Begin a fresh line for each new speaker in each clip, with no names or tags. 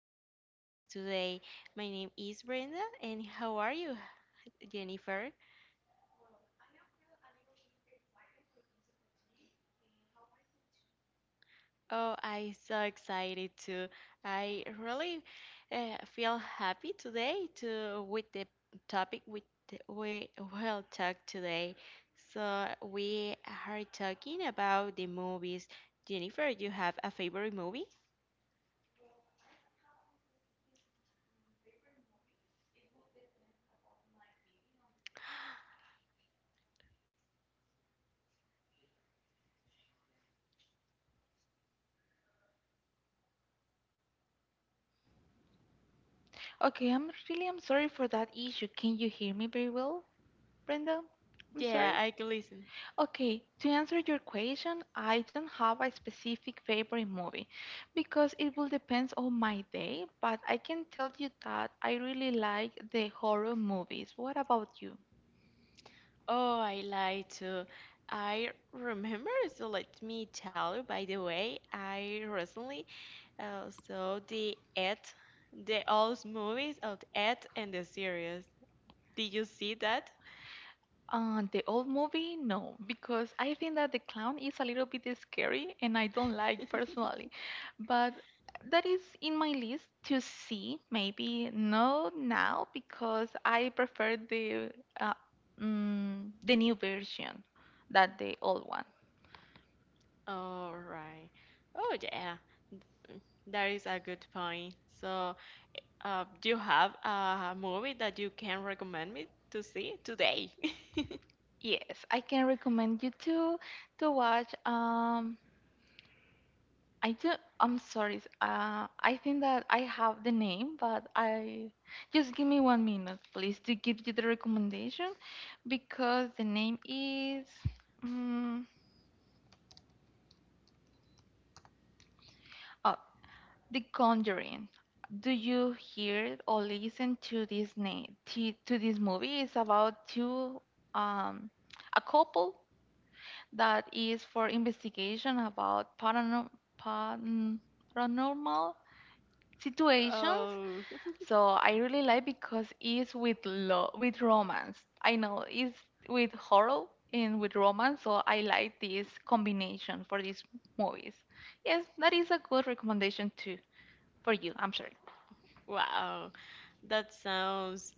special guest today. My name is Brenda, and how are you, Jennifer? Oh, I'm so excited too. I really feel happy today to with the topic we will talk today. So we are talking about the movies. Jennifer, do you have a favorite movie?
Okay, I'm sorry for that issue. Can you hear me very well, Brenda? I'm
Yeah,
sorry.
I can listen.
Okay, to answer your question, I don't have a specific favorite movie because it will depend on my day, but I can tell you that I really like the horror movies. What about you?
Oh, I lied to. I remember, so let me tell you, by the way, I recently saw the Ed, the old movies of Ed and the series. Did you see that?
The old movie? No, because I think that the clown is a little bit scary and I don't like personally. But that is in my list to see, maybe no now because I prefer the uh, the new version than the old one.
All right. Oh, yeah, that is a good point. So, do you have a movie that you can recommend me to see today?
Yes, I can recommend you to watch. I do. I'm sorry. I think that I have the name, but I just give me 1 minute, please, to give you the recommendation, because the name is mm oh, The Conjuring. Do you hear or listen to this name to this movie? It's about two um a couple that is for investigation about paranormal situations.
Oh,
So I really like because it's with lo with romance. I know it's with horror and with romance, so I like this combination for these movies. Yes, that is a good recommendation too for you, I'm sorry.
wow. That sounds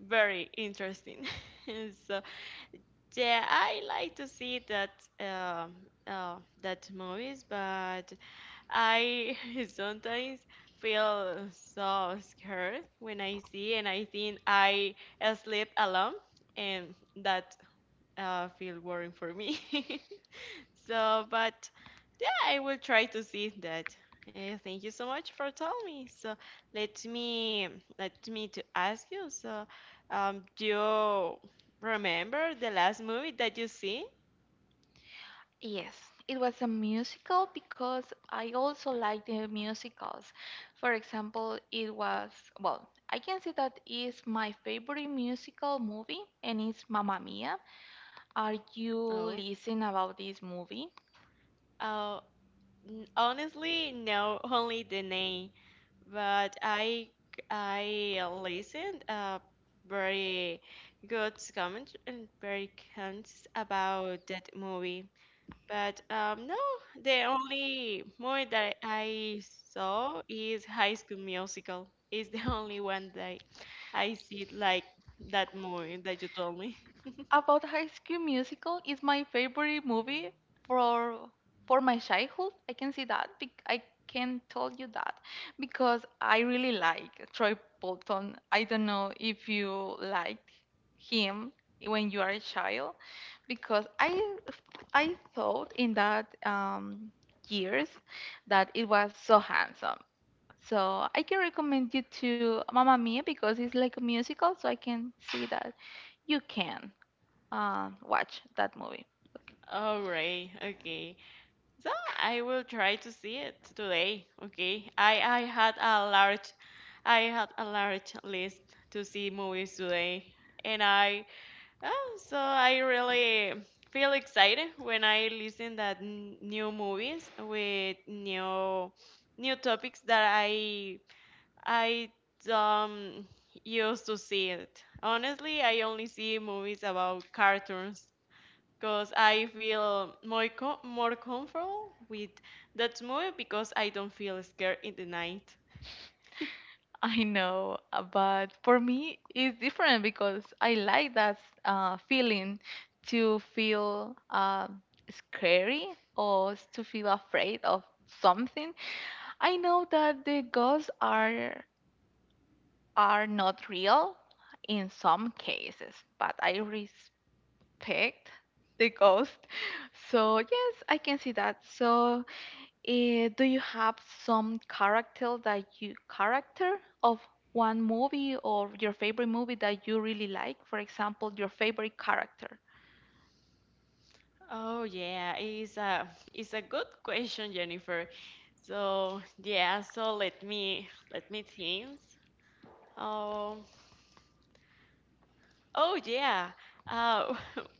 very interesting. So, yeah, I like to see that movies, but I sometimes feel so scared when I see and I think I sleep alone, and that feel worrying for me. So, but I will try to see that. Thank you so much for telling me. So let me let me to ask you. So, do you remember the last movie that you see?
Yes, it was a musical because I also like the musicals. For example, I can say that is my favorite musical movie and it's Mamma Mia. Are you
Oh,
listening about this movie?
oh, honestly, no, only the name. But I listened very good comments and very comments about that movie. But no, the only movie that I saw is High School Musical. It's the only one that I see like that movie that you told me.
About High School Musical is my favorite movie for for my childhood. I can see that. I can tell you that because I really like Troy Bolton. I don't know if you liked him when you are a child because I thought in that years that it was so handsome. So I can recommend you to Mamma Mia because it's like a musical, so I can see that you can watch that movie.
All right, okay. So I will try to see it today. Okay, I had a large list to see movies today, and I. Oh, so I really feel excited when I listen that new movies with new topics that I um used to see it. Honestly, I only see movies about cartoons because I feel more comfortable with that movie because I don't feel scared in the night.
I know, but for me, it's different because I like that feeling to feel scary or to feel afraid of something. I know that the ghosts are not real in some cases, but I respect the ghost. So yes, I can see that. So do you have some character that you character of one movie or your favorite movie that you really like? For example, your favorite character.
Oh yeah, it's a good question, Jennifer. So yeah, so let me think. Oh oh yeah. Uh,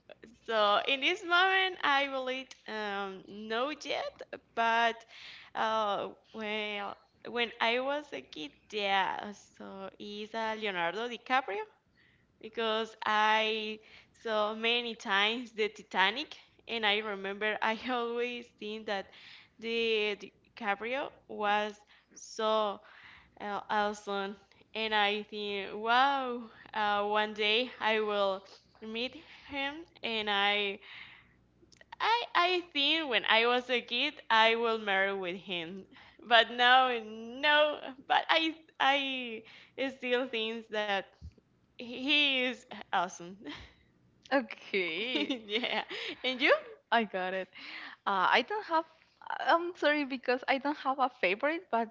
so in this moment, I will eat no yet, but uh well when I was a kid, yeah. So is Leonardo DiCaprio, because I saw many times the Titanic, and I remember I always think that the DiCaprio was so awesome, and I think, wow, one day I will meet him, and I think when I was a kid I will marry with him, but now, no, but I still think that he is awesome.
Okay.
Yeah. And you?
I got it. I don't have. I'm sorry because I don't have a favorite, but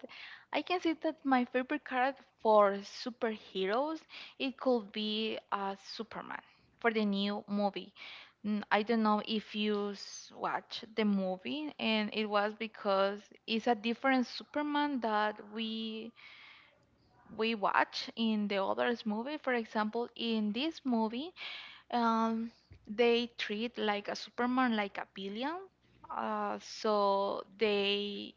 I can say that my favorite character for superheroes it could be Superman for the new movie. I don't know if you watch the movie, and it was because it's a different Superman that we watch in the others movie. For example, in this movie, um, they treat like a Superman like a villain. So they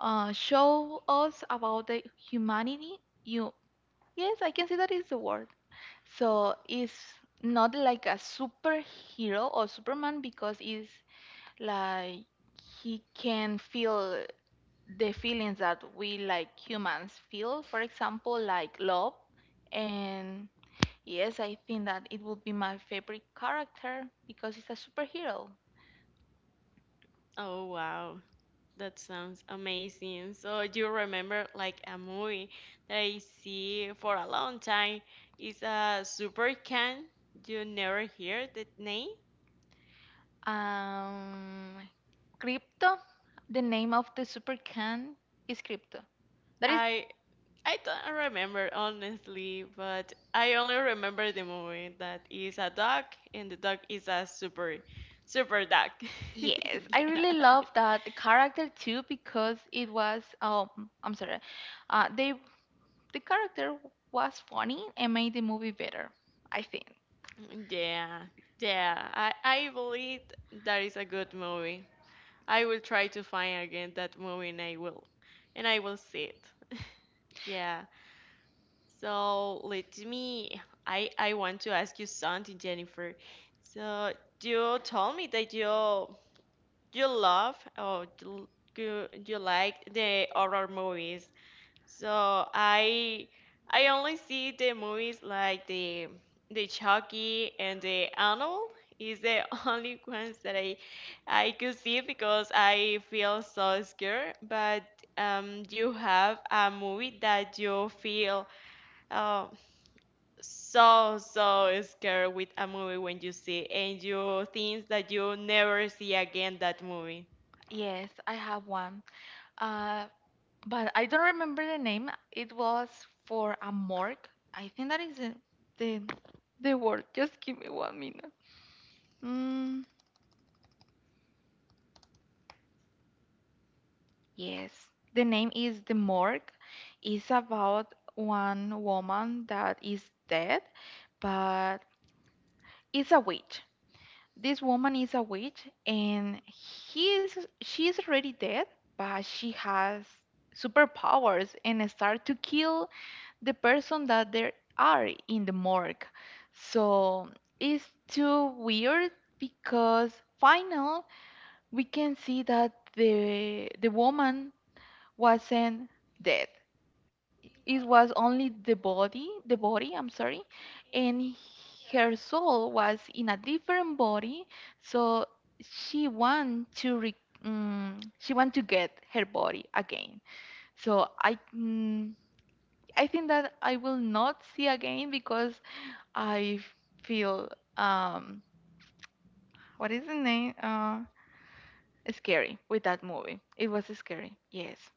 show us about the humanity. You yes, I can see that is the word. So it's not like a superhero or Superman because it's like he can feel the feelings that we like humans feel. For example, like love and yes, I think that it would be my favorite character because it's a superhero.
Oh, wow. That sounds amazing. So you remember like a movie that I see for a long time. It's a Super Can. You never hear the name?
Um, Crypto, the name of the super can is Crypto. That is,
I I don't remember honestly, but I only remember the movie that is a dog and the dog is a super super dog.
yes, I really love that character too because it was, oh, I'm sorry, uh, they, the character was funny and made the movie better, I think.
Yeah. Yeah, yeah. I believe that is a good movie. I will try to find again that movie and I will see it. Yeah. So let me I want to ask you something, Jennifer. So you told me that you love or you like the horror movies. So I only see the movies like the Chucky and the Arnold is the only ones that I could see because I feel so scared. But you have a movie that you feel um so scared with a movie when you see and you think that you never see again that movie.
Yes, I have one. Uh, but I don't remember the name. It was for a morgue. I think that is the, the word. Just give me 1 minute. Mm, yes, the name is the morgue. It's about one woman that is dead, but it's a witch. This woman is a witch, and he is she is already dead, but she has superpowers and start to kill the person that there are in the morgue. So it's too weird because final we can see that the woman wasn't dead. It was only the body, I'm sorry, and her soul was in a different body. So she want to re, she want to get her body again. So I I think that I will not see again because I feel um what is the name scary with that movie. It was scary. Yes.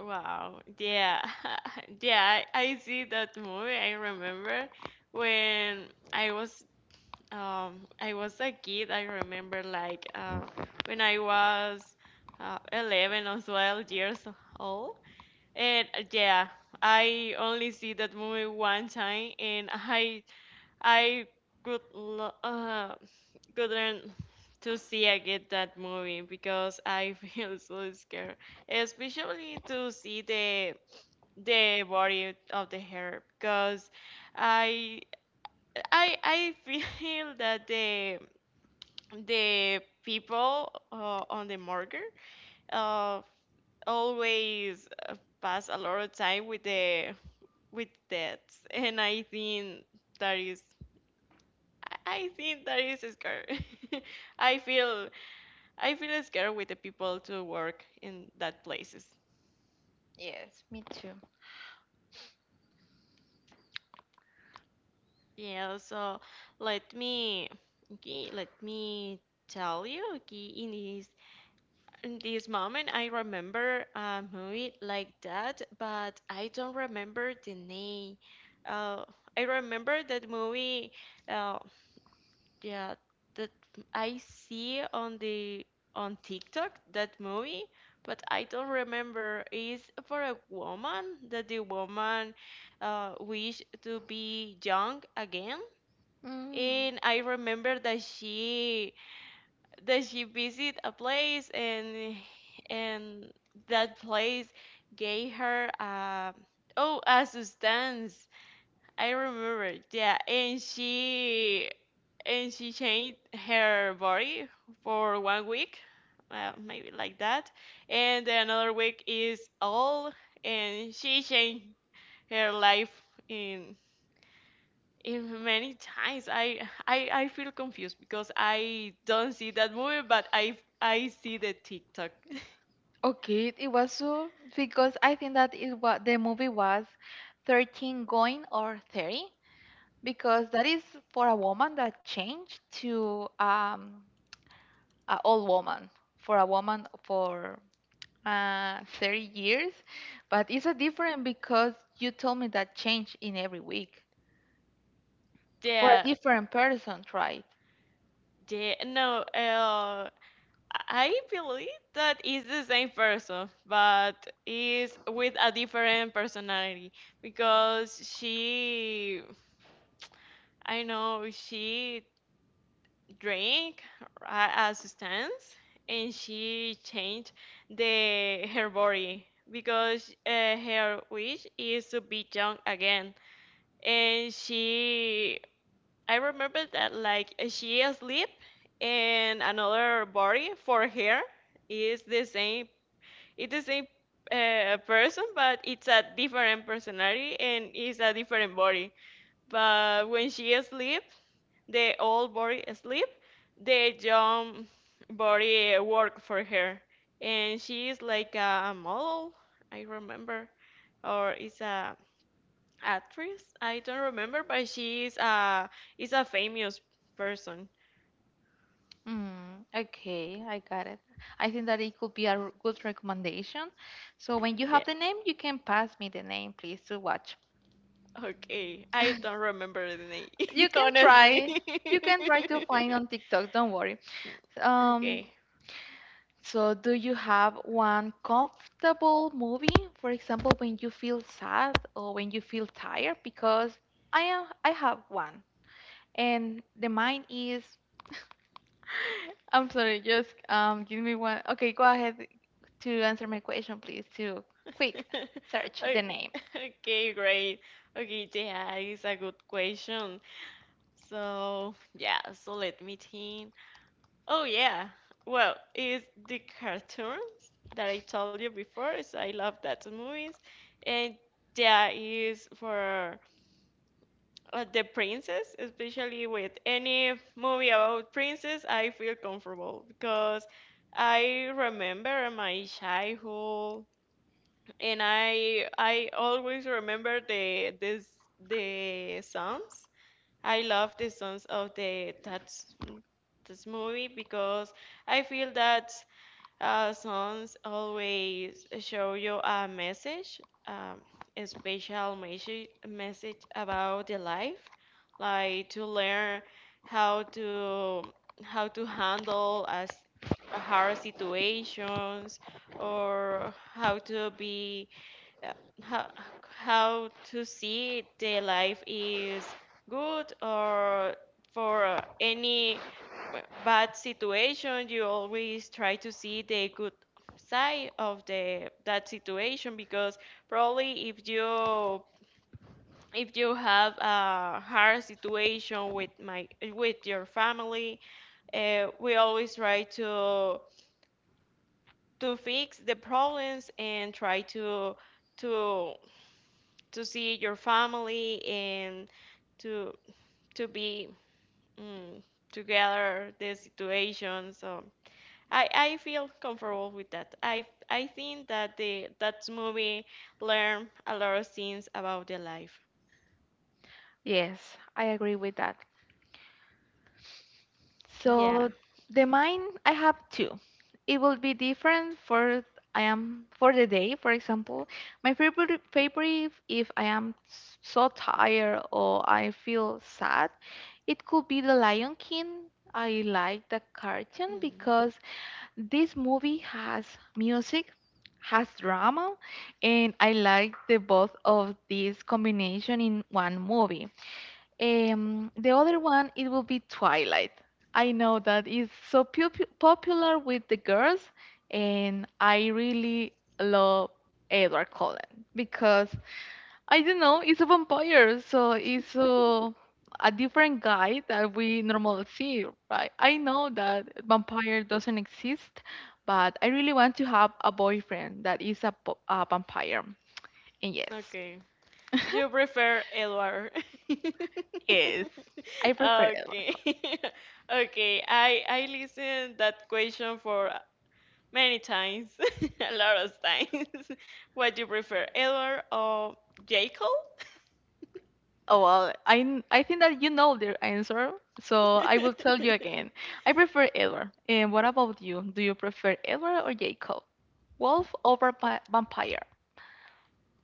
Wow. Yeah. Yeah, I see that movie. I remember when I was I was a kid. I remember like when I was 11 or 12 years old. And yeah, I only see that movie one time and I could couldn't to see again that movie because I feel so scared, especially to see the body of the hair because I I feel that the people on the morgue uh, always pass a lot of time with the with that, and I think that is I I think that is scary. I feel I feel scared with the people to work in that places.
Yes, me too.
Yeah, so let me okay, let me tell you, okay, in this moment I remember a movie like that, but I don't remember the name. Uh, I remember that movie uh yeah that I see on the on TikTok that movie, but I don't remember. Is for a woman that the woman wish to be young again,
Mm.
and I remember that she visit a place, and that place gave her a substance. I remember, yeah, and she changed her body for one week, maybe like that, and another week is all, and she changed her life in in many times. I feel confused because I don't see that movie, but I see the TikTok.
Okay, it was so because I think that it was the movie was 13 going or 30 because that is for a woman that changed to an old woman for a woman for 30 years, but it's a different because you told me that change in every week for
Yeah,
a different person, right?
yeah. No, I believe that is the same person, but is with a different personality because I know she drink a substance and she changed the her body because her wish is to be young again, and she I remember that like she asleep and another body for her is the same it's the same person, but it's a different personality and it's a different body, but when she asleep the old body sleep, the young body work for her. And she is like a model, I remember, or is a actress. I don't remember, but she is a famous person.
Okay, I got it. I think that it could be a good recommendation. So when you
Yeah.
have the name, you can pass me the name, please, to watch.
Okay. I don't remember the name,
You can
honestly.
try. You can try to find on TikTok, don't worry. Um,
Okay.
So, do you have one comfortable movie? For example, when you feel sad or when you feel tired? Because I am, I have one, and the mine is. I'm sorry, just give me one. Okay, go ahead to answer my question, please. To quick search the
Okay,
name.
okay, great. Okay, yeah, it's a good question. So, yeah, so let me think. Oh, yeah. Well, it's the cartoons that I told you before, so I love that movies. And yeah, is for the princess, especially with any movie about princess, I feel comfortable because I remember my childhood and I always remember the songs. I love the songs of the that this movie because I feel that songs always show you a message, um, a special message about the life, like to learn how to handle as hard situations, or how to be uh, how to see the life is good, or for any bad situation you always try to see the good side of the that situation, because probably if you have a hard situation with my with your family, we always try to fix the problems and try to to see your family and to to be mm, together the situation, so I feel comfortable with that. I think that the that movie learn a lot of things about the life.
Yes, I agree with that.
Yeah.
So the mine I have two. It will be different for I am for the day, for example. My favorite if I am so tired or I feel sad, it could be The Lion King. I like the cartoon
Mm.
because this movie has music, has drama, and I like the both of these combination in one movie. The other one, it will be Twilight. I know that is so popular with the girls, and I really love Edward Cullen because I don't know, it's a vampire, so it's a different guy that we normally see, right? I know that vampire doesn't exist, but I really want to have a boyfriend that is a vampire. And yes,
Okay. You prefer Edward.
yes, I prefer Edward
Okay.
Cullen.
Okay. I listened that question for many times, a lot of times. What do you prefer, Edward or Jacob?
Oh well, I think that you know the answer, so I will tell you again. I prefer Edward. And what about you? Do you prefer Edward or Jacob? Wolf over vampire.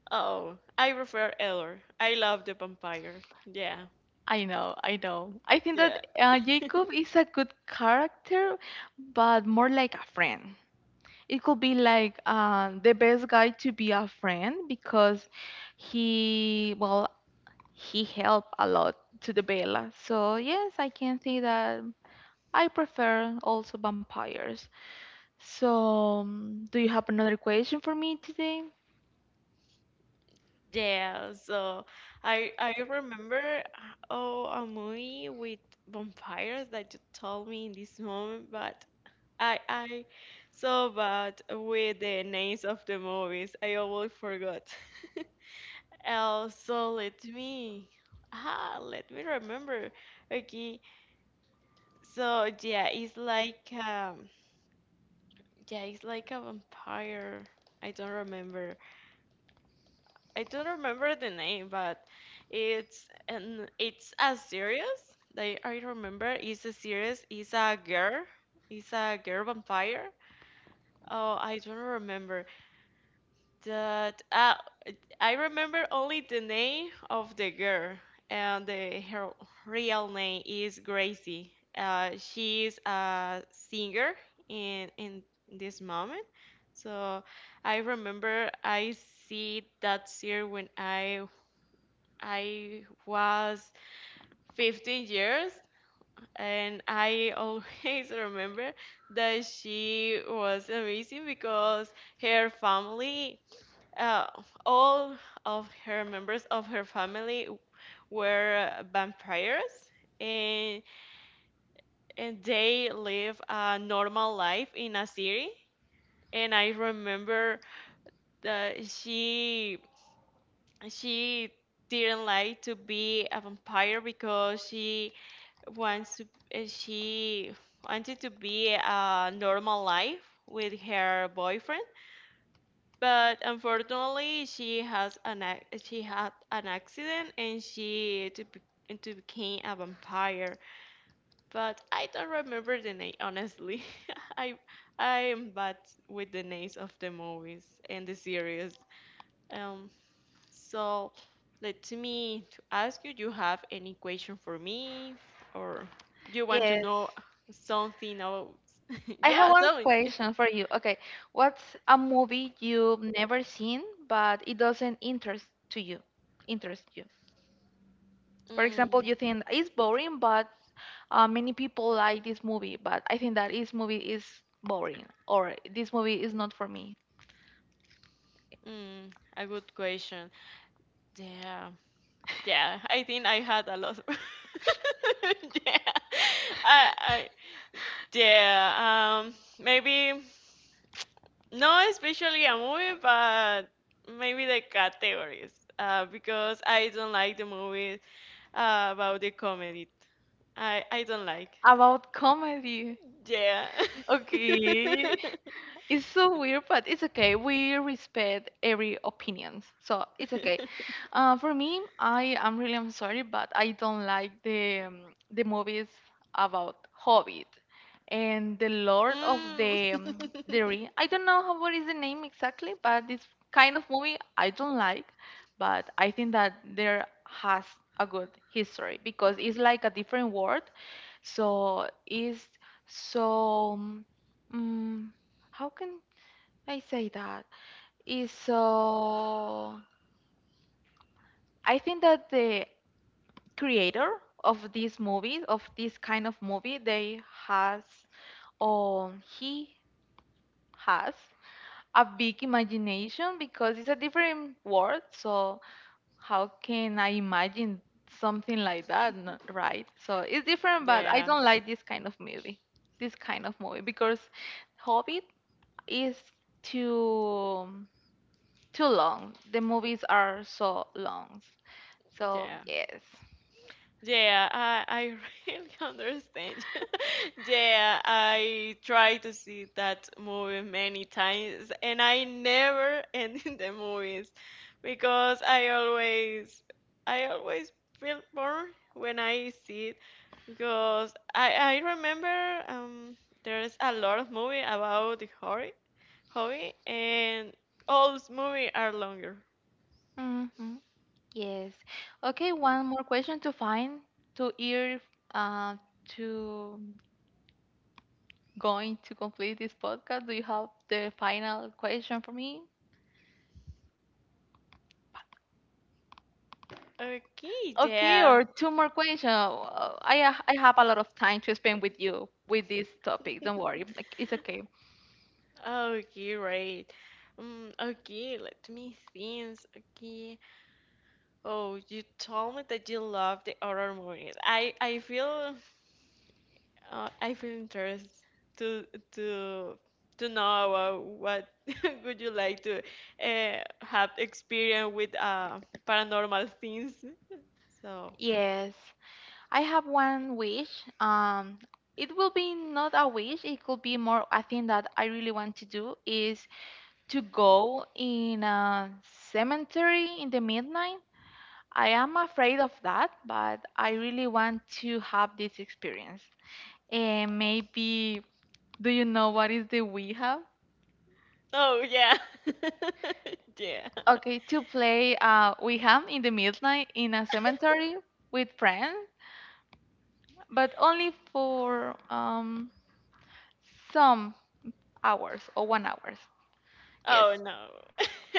Oh, I prefer Edward. I love the vampire. Yeah,
I know, I know. I think that
yeah,
Jacob is a good character, but more like a friend. It could be like the best guy to be a friend because he, well, he helped a lot to the Bella. So yes, I can see that I prefer also vampires. So, do you have another question for me today?
yeah. So I remember a movie with vampires that you told me in this moment, but I so bad with the names of the movies. I always forgot. Oh, so let me remember. Okay, so yeah, it's like a vampire. I don't remember. I don't remember the name, but it's a series. Like I remember, it's a series. It's a girl. It's a girl vampire. Oh, I don't remember that. I remember only the name of the girl, and her real name is Gracie. She is a singer in this moment. So I remember I see that year when I was 15 years, and I always remember that she was amazing because her family, uh, all of her members of her family, were vampires, and and they live a normal life in a city. And I remember that she didn't like to be a vampire because wants to she wanted to be a normal life with her boyfriend, but unfortunately she had an accident, and she to be- and to became a vampire, but I don't remember the name, honestly. i I am bad with the names of the movies and the series. um so let me to ask you, do you have any question for me, or do you want to
Yes.
know something else?
I have
Yeah,
one
tell me.
question for you. Okay, what's a movie you've never seen but it doesn't interest to you? Interest you. For example,
Mm.
you think it's boring, but many people like this movie, but I think that this movie is boring or this movie is not for me.
Mm, a good question. Yeah, yeah. I think I had a lot. Yeah, I, I, yeah. Maybe not especially a movie, but maybe the categories. Because I don't like the movies about the comedy. I don't like.
About comedy.
Yeah.
Okay. It's so weird, but it's okay. We respect every opinions, so it's okay. For me, I am really I'm sorry, but I don't like the movies about Hobbit and the Lord of
Mm.
the Ring. I don't know how what is the name exactly, but this kind of movie I don't like. But I think that there has a good history because it's like a different world, so it's so. mm how can I say that? Is I think that the creator of these movies, of this kind of movie, they has or he has a big imagination because it's a different world. So how can I imagine something like that, right? So it's different, but I
Yeah.
don't like this kind of movie, this kind of movie because Hobbit is too. Too long. The movies are so long. So
Yeah.
yes.
Yeah, I really understand. Yeah, I try to see that movie many times and I never end in the movies because I always feel bored when I see. Because I remember there's a lot of movie about the hobby and all those movies are longer.
Hmm. Yes. Okay, one more question to find to hear uh, to going to complete this podcast. Do you have the final question for me?
Okay,
Okay,
yeah.
or two more questions. I have a lot of time to spend with you with this topic. Don't worry, like, it's okay.
Okay, right. Okay, let me think. Okay. Oh, you told me that you love the horror movies. I feel interested to to to know about what would you like to have experience with paranormal things. So,
Yes. I have one wish. Um, it will be not a wish. It could be more a thing that I really want to do is to go in a cemetery in the midnight. I am afraid of that, but I really want to have this experience. And maybe, do you know what is the Ouija?
oh yeah, yeah.
Okay, to play Ouija in the midnight in a cemetery with friends, but only for some hours or 1 hour. Yes.
Oh no.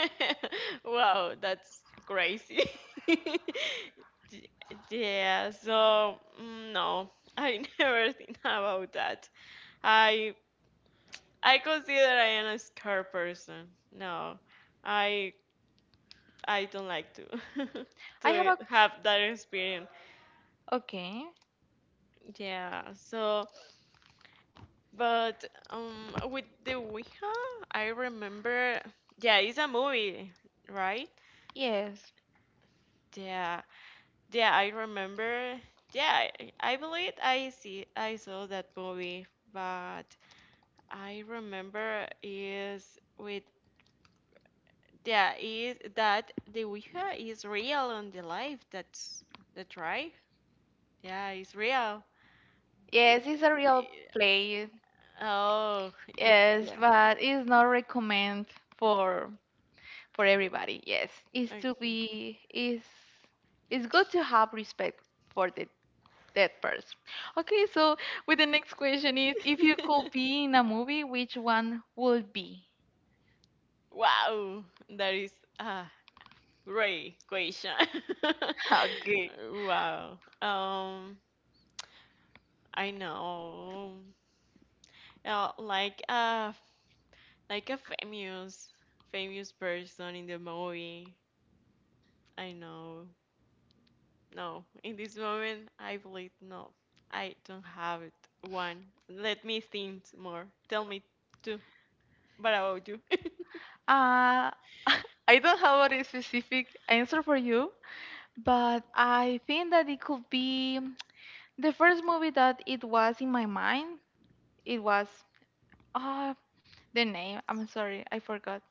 Wow, that's crazy. Y- Yeah, so no, I never think about that. I I consider I am a scared person. No. I I don't like to
I have
to
a
have that experience.
Okay.
Yeah. So, but with the Ouija, I remember. Yeah, it's a movie, right?
Yes.
Yeah. Yeah, I remember. Yeah, I believe I saw that movie, but I remember is with yeah is that the Ouija is real on the life. That's right. Yeah, it's real. It-
Yes, it's a real play.
Oh,
Yes,
yeah.
but it's not recommend for everybody. Yes.
Okay.
It's good to have respect for the dead person. Okay, so with the next question is if you could be in a movie, which one would be?
Wow, that is a great question.
Okay.
Wow. I know. Like a like a famous famous person in the movie. I know. No, in this moment, I believe no. I don't have it. One. Let me think more. Tell me two. What about you?
Uh I don't have a specific answer for you, but I think that it could be the first movie that it was in my mind. It was ah the name. I'm sorry, I forgot.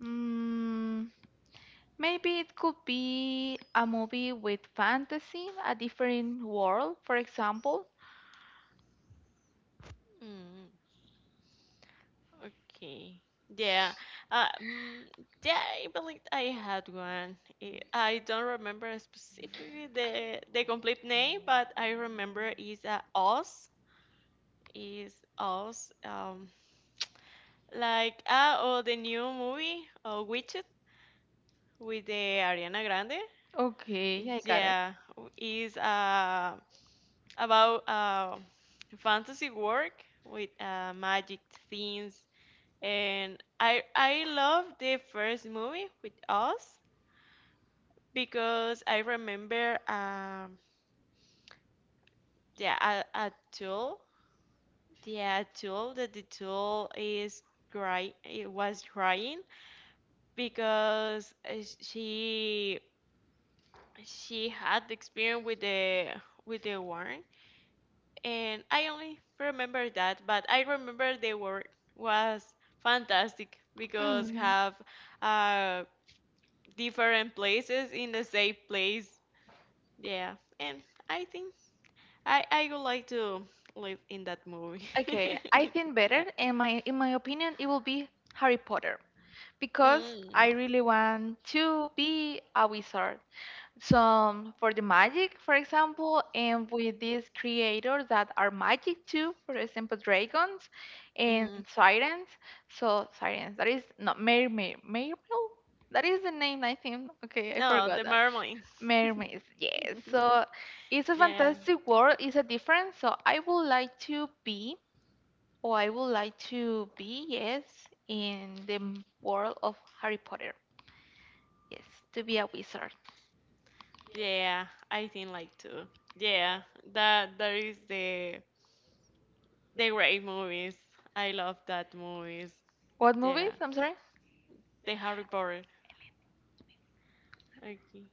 Mm, maybe it could be a movie with fantasy, a different world, for example.
Mm, okay. Yeah. Uh, mm, yeah, I believe I had one. I don't remember specifically the complete name, but I remember is Oz. Is Oz. Like ah, oh, the new movie, Witched, with the Ariana Grande.
Okay, I got it.
Yeah, is about fantasy work with magic things. And I love the first movie with us because I remember yeah a tool yeah a tool that the tool is cry it was crying because she had the experience with the worm and I only remember that, but I remember the work was fantastic because
Mm.
have uh different places in the same place. Yeah, and I think I would like to live in that movie.
Okay, I think better
Yeah.
in my opinion it will be Harry Potter because
Mm.
I really want to be a wizard. Some for the magic, for example, and with these creators that are magic too, for example, dragons and
Mm.
sirens. So sirens, that is not mermaid. That is the name, I think. Okay, I
No,
forgot
the
that.
mermaid.
Mermaids, yes. So it's a
Yeah.
fantastic world. It's a different. So I would like to be, or I would like to be, yes, in the world of Harry Potter. Yes, to be a wizard.
Yeah, I think like too. Yeah, that is the great movies. I love that movies.
What
Yeah.
movies? I'm sorry.
The Harry Potter. Okay.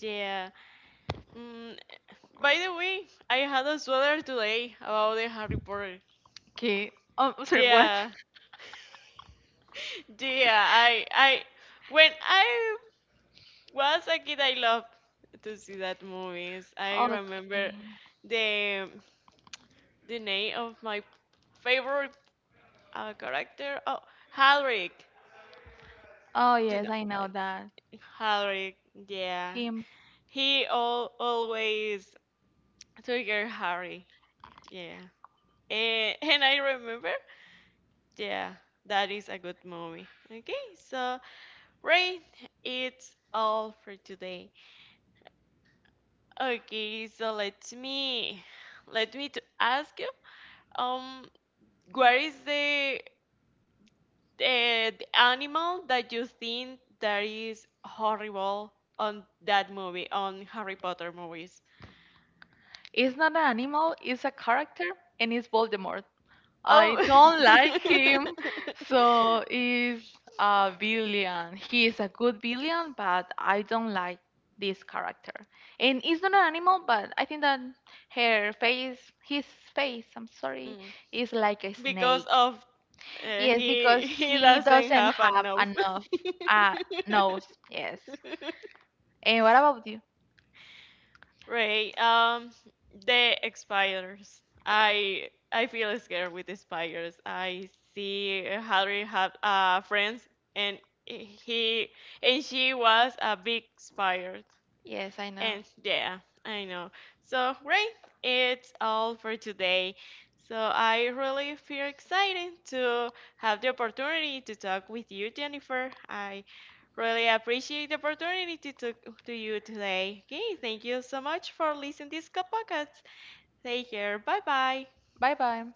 Yeah. Mm, by the way, I had a sweater today about the Harry Potter.
Okay. Oh, I'm sorry, what?
Yeah. Yeah. I when I was a kid, I loved to see that movies. I
Okay.
remember the name of my favorite character. Oh, Hagrid.
Oh,
Do
yes,
not,
I know that.
Harry, yeah.
Him.
He all always took your Harry. Yeah. Eh, and I remember, yeah, that is a good movie. Okay, so right, it's all for today. Okay, so let me to ask you, um, where is the the animal that you think that is horrible on that movie, on Harry Potter movies?
It's not an animal, it's a character, and it's Voldemort. I
Oh.
don't like him, so he's a villain. He is a good villain, but I don't like this character. And it's not an animal, but I think that her face, his face, I'm sorry,
Mm,
is like a snake.
because of
Yes,
he
because
he
he
doesn't
doesn't
have
have
enough.
enough Uh, nose. Yes. And what about you?
Ray, the spiders. I feel scared with the spiders. I see Harry have friends, and he and she was a big spider.
Yes, I know.
And yeah, I know. So great, it's all for today. So I really feel excited to have the opportunity to talk with you, Jennifer. I really appreciate the opportunity to talk to you today. Okay, thank you so much for listening to this podcast. Take care. Bye bye.
Bye bye.